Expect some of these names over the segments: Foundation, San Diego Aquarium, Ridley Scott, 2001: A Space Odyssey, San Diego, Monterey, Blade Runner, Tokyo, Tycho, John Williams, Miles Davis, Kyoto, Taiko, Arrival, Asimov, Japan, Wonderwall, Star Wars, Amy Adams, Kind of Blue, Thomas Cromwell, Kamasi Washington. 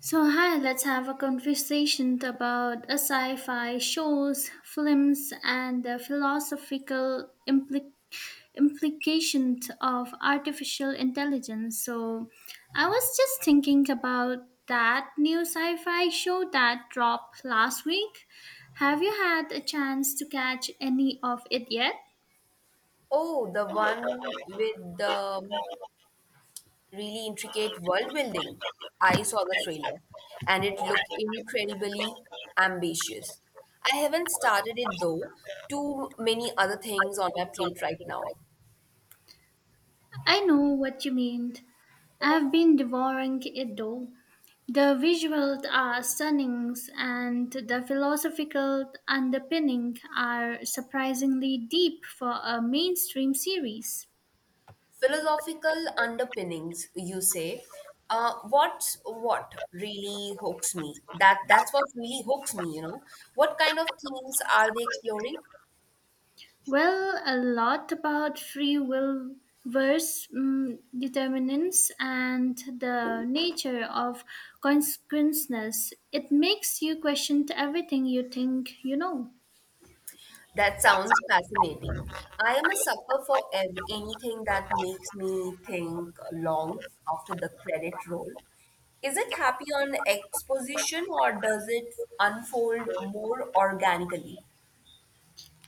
So, hi, let's have a conversation about a sci fi shows, films, and the philosophical implications of artificial intelligence. So, I was just thinking about that new sci fi show that dropped last week. Have you had a chance to catch any of it yet? Oh, the one with the really intricate world building. I saw the trailer and it looked incredibly ambitious. I haven't started it though. Too many other things on my plate right now. I know what you mean. I've been devouring it though. The visuals are stunning and the philosophical underpinning are surprisingly deep for a mainstream series. Philosophical underpinnings, you say. What's what really hooks me? That that's what really hooks me. What kind of themes are they exploring? Well, a lot about free will versus determinants and the nature of consequences. It makes you question everything you think you know. That sounds fascinating. I am a sucker for ev anything that makes me think long after the credit roll. Is it happy on exposition or does it unfold more organically?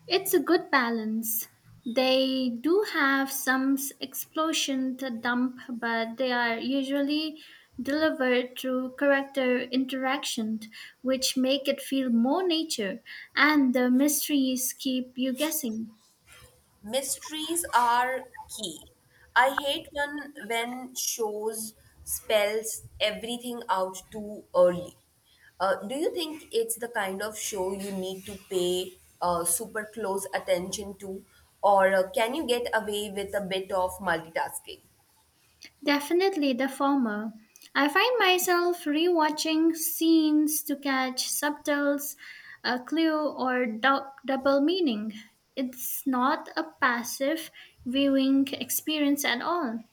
It's a good balance. They do have some explosion to dump, but they are usually delivered through character interaction, which make it feel more nature, and the mysteries keep you guessing. Mysteries are key. I hate when shows spells everything out too early. Do you think it's the kind of show you need to pay super close attention to, or can you get away with a bit of multitasking? Definitely the former. I find myself rewatching scenes to catch subtles, a clue, or double meaning. It's not a passive viewing experience at all.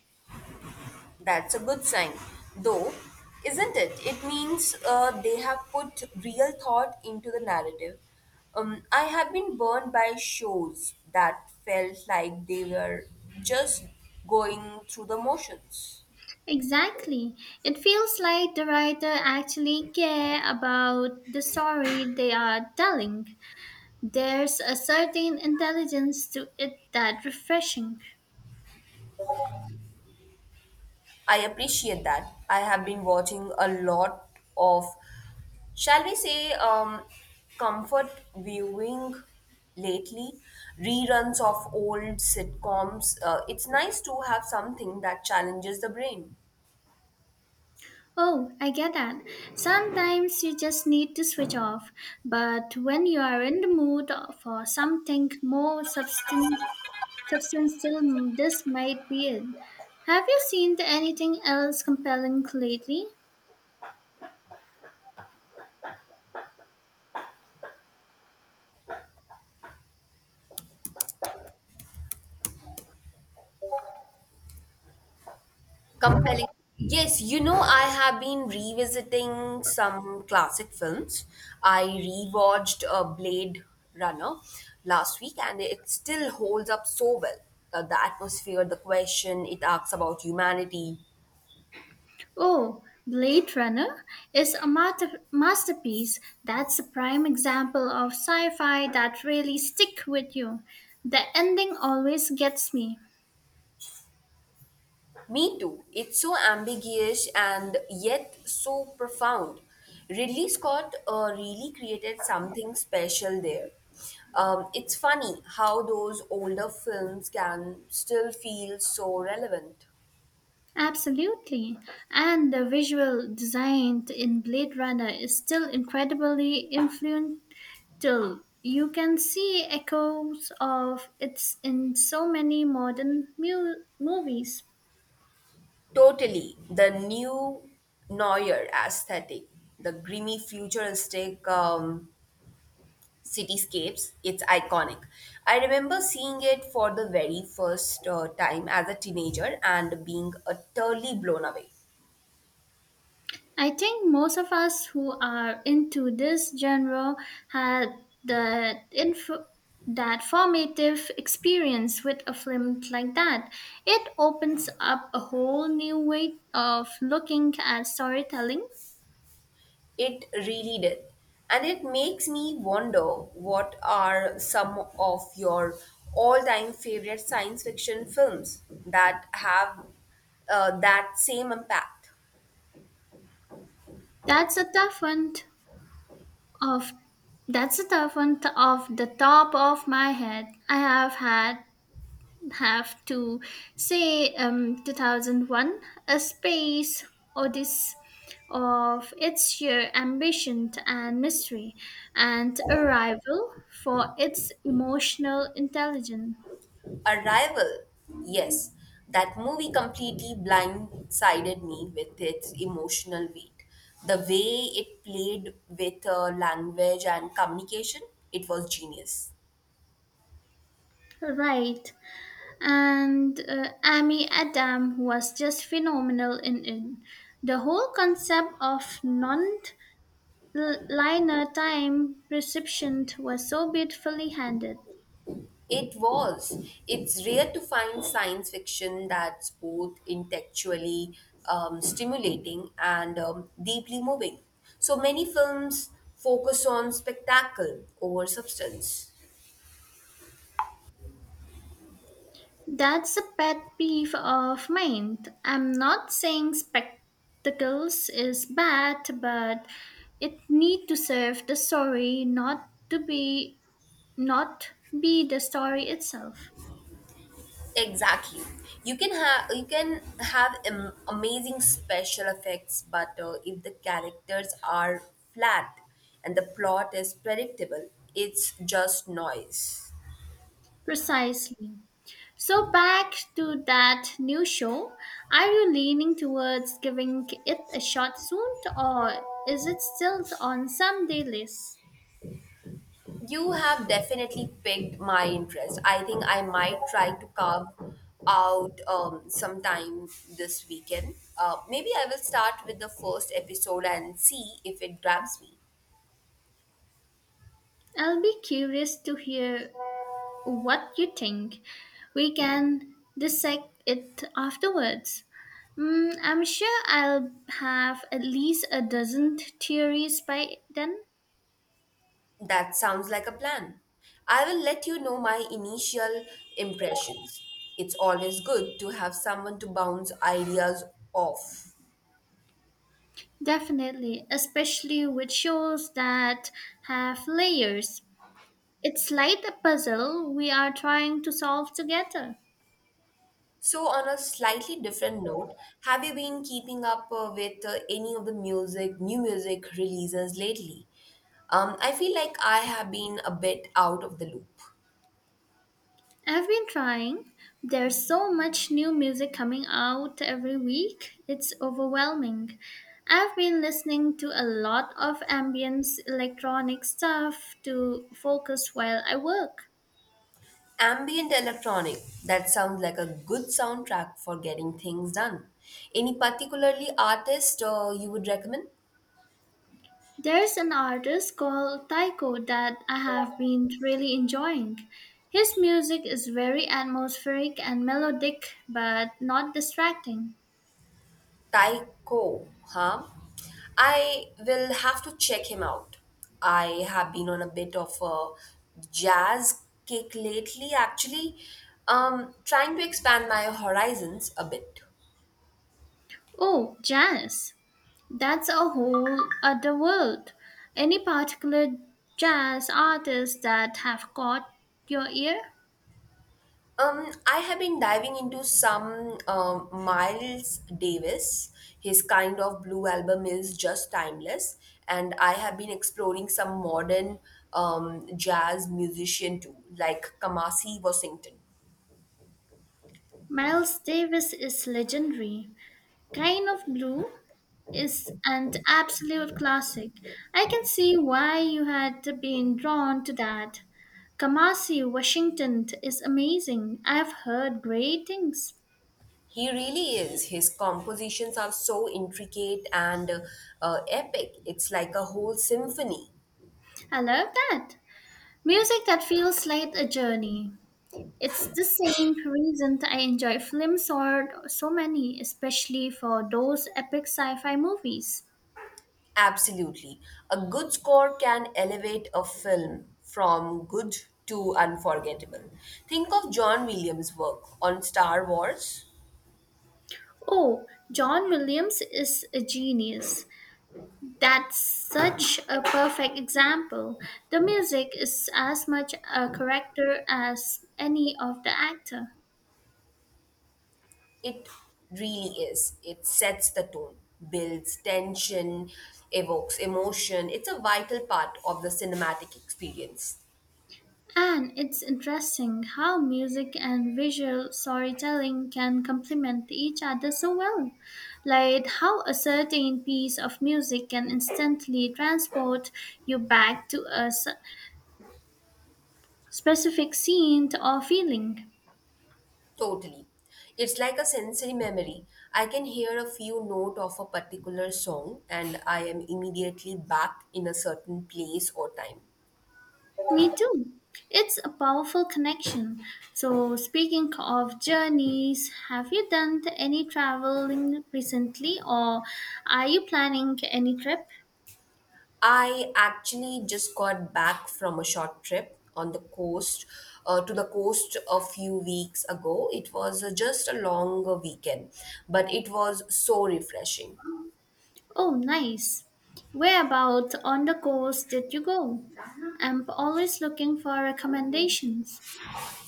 That's a good sign, though, isn't it? It means they have put real thought into the narrative. I have been burned by shows that felt like they were just going through the motions. Exactly. It feels like the writer actually care about the story they are telling. There's a certain intelligence to it that refreshing. I appreciate that. I have been watching a lot of, shall we say, comfort viewing lately, reruns of old sitcoms. It's nice to have something that challenges the brain. Oh, I get that. Sometimes you just need to switch off. But when you are in the mood for something more substantial, this might be it. Have you seen anything else compelling lately? Compelling. Yes, you know, I have been revisiting some classic films. I rewatched Blade Runner last week and it still holds up so well. The atmosphere, the question it asks about humanity. Oh, Blade Runner is a masterpiece. That's a prime example of sci fi that really stick with you. The ending always gets me. Me too. It's so ambiguous and yet so profound. Ridley Scott really created something special there. It's funny how those older films can still feel so relevant. Absolutely. And the visual design in Blade Runner is still incredibly influential. You can see echoes of it in so many modern movies. Totally. The new Neuer aesthetic, the grimy futuristic cityscapes, it's iconic. I remember seeing it for the very first time as a teenager and being utterly blown away. I think most of us who are into this genre had the info that formative experience with a film like that. It opens up a whole new way of looking at storytelling. It really did. And it makes me wonder what are some of your all time favorite science fiction films that have that same impact? That's a tough one t- off. That's a tough one off the top of my head. I have had have to say 2001, A Space Odyssey of its sheer ambition and mystery, and Arrival for its emotional intelligence. Arrival, yes, that movie completely blindsided me with its emotional weight. The way it played with language and communication, it was genius. Right. And amy adam was just phenomenal in it. The whole concept of non liner time perception was so beautifully handled. It was. It's rare to find science fiction that's both intellectually stimulating and deeply moving. So many films focus on spectacle over substance. That's a pet peeve of mine. I'm not saying spectacles is bad, but it need to serve the story, not to be, not be the story itself. Exactly. You can have am- amazing special effects, but if the characters are flat and the plot is predictable, it's just noise. Precisely. So back to that new show. Are you leaning towards giving it a shot soon, or is it still on some day list? You have definitely piqued my interest. I think I might try to carve out some time this weekend. Maybe I will start with the first episode and see if it grabs me. I'll be curious to hear what you think. We can dissect it afterwards. I'm sure I'll have at least a dozen theories by then. That sounds like a plan. I will let you know my initial impressions. It's always good to have someone to bounce ideas off. Definitely, especially with shows that have layers. It's like a puzzle we are trying to solve together. So, on a slightly different note, have you been keeping up with any of the music, new music releases lately? I feel like I have been a bit out of the loop. I've been trying. There's so much new music coming out every week. It's overwhelming. I've been listening to a lot of ambient electronic stuff to focus while I work. Ambient electronic, that sounds like a good soundtrack for getting things done. Any particularly artist you would recommend? There's an artist called Taiko that I have been really enjoying. His music is very atmospheric and melodic, but not distracting. Tycho, huh? I will have to check him out. I have been on a bit of a jazz kick lately, actually, trying to expand my horizons a bit. Oh, jazz! That's a whole other world. Any particular jazz artists that have caught your ear? I have been diving into some Miles Davis. His kind of blue album is just timeless, and I have been exploring some modern jazz musician too, like Kamasi Washington. Miles Davis is legendary. Kind of Blue is an absolute classic. I can see why you had been drawn to that. Kamasi Washington is amazing. I've heard great things. He really is. His compositions are so intricate and epic. It's like a whole symphony. I love that. Music that feels like a journey. It's the same reason I enjoy films or so many, especially for those epic sci-fi movies. Absolutely. A good score can elevate a film from good to unforgettable. Think of John Williams' work on Star Wars. Oh, John Williams is a genius. That's such a perfect example. The music is as much a character as any of the actor. It really is. It sets the tone, builds tension, evokes emotion. It's a vital part of the cinematic experience. And it's interesting how music and visual storytelling can complement each other so well. Like how a certain piece of music can instantly transport you back to a specific scene or feeling. Totally. It's like a sensory memory. I can hear a few note of a particular song and I am immediately back in a certain place or time. Me too. It's a powerful connection. So, speaking of journeys, have you done any traveling recently or are you planning any trip? I actually just got back from a short trip on the coast a few weeks ago. It was just a longer weekend, but it was so refreshing. Oh, nice. Where about on the coast did you go? I'm always looking for recommendations.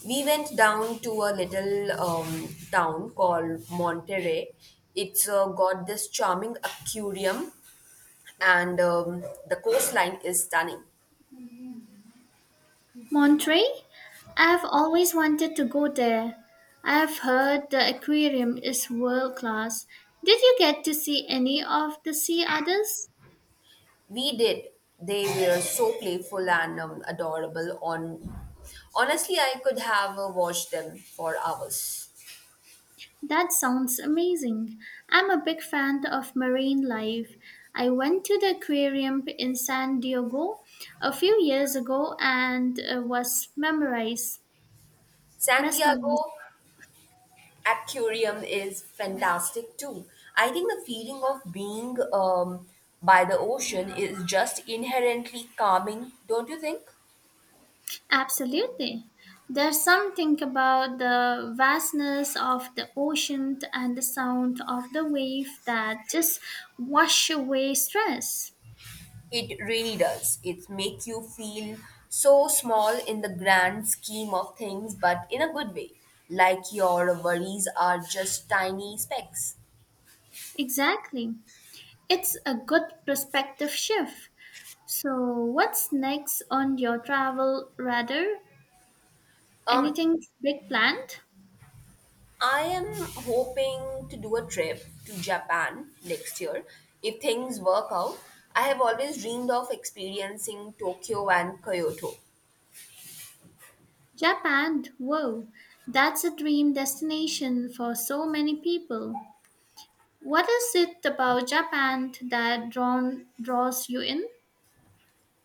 We went down to a little town called Monterey. It's got this charming aquarium and the coastline is stunning. Monterey? I've always wanted to go there. I've heard the aquarium is world class. Did you get to see any of the sea otters? We did. They were so playful and adorable. On Honestly, I could have watched them for hours. That sounds amazing. I'm a big fan of marine life. I went to the aquarium in San Diego a few years ago and was mesmerized. San Mesmerized. Diego Aquarium is fantastic too. I think the feeling of being by the ocean is just inherently calming, don't you think? Absolutely. There's something about the vastness of the ocean and the sound of the wave that just wash away stress. It really does. It make you feel so small in the grand scheme of things, but in a good way. Like your worries are just tiny specks. Exactly. It's a good perspective shift. So, what's next on your travel radar? Um, Anything big planned? I am hoping to do a trip to Japan next year if things work out. I have always dreamed of experiencing Tokyo and Kyoto. Japan, whoa, that's a dream destination for so many people. What is it about Japan that draws you in?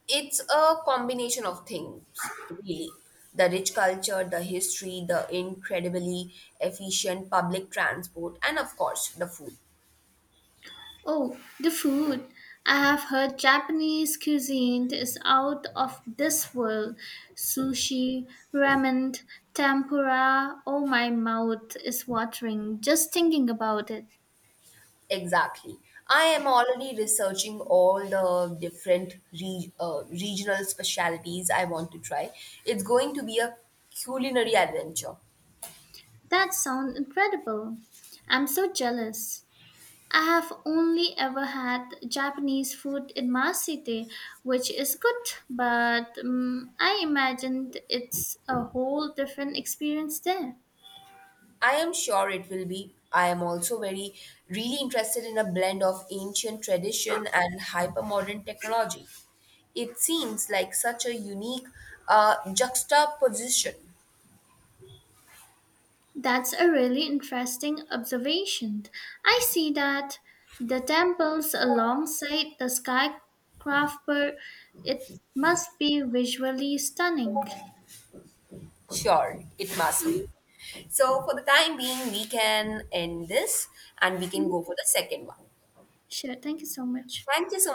It's a combination of things, really. The rich culture, the history, the incredibly efficient public transport, and of course, the food. Oh, the food. I have heard Japanese cuisine is out of this world. Sushi, ramen, tempura. Oh, my mouth is watering just thinking about it. Exactly. I am already researching all the different regional specialities I want to try. It's going to be a culinary adventure. That sounds incredible. I'm so jealous. I have only ever had Japanese food in my city, which is good, but I imagined it's a whole different experience there. I am sure it will be. I am also very really interested in a blend of ancient tradition and hypermodern technology. It seems like such a unique juxtaposition. That's a really interesting observation. I see that the temples alongside the skyscraper, it must be visually stunning. Sure, it must Mhm, be. So for the time being, we can end this and we can mhm. go for the second one. Sure, thank you so much. Thank you so much.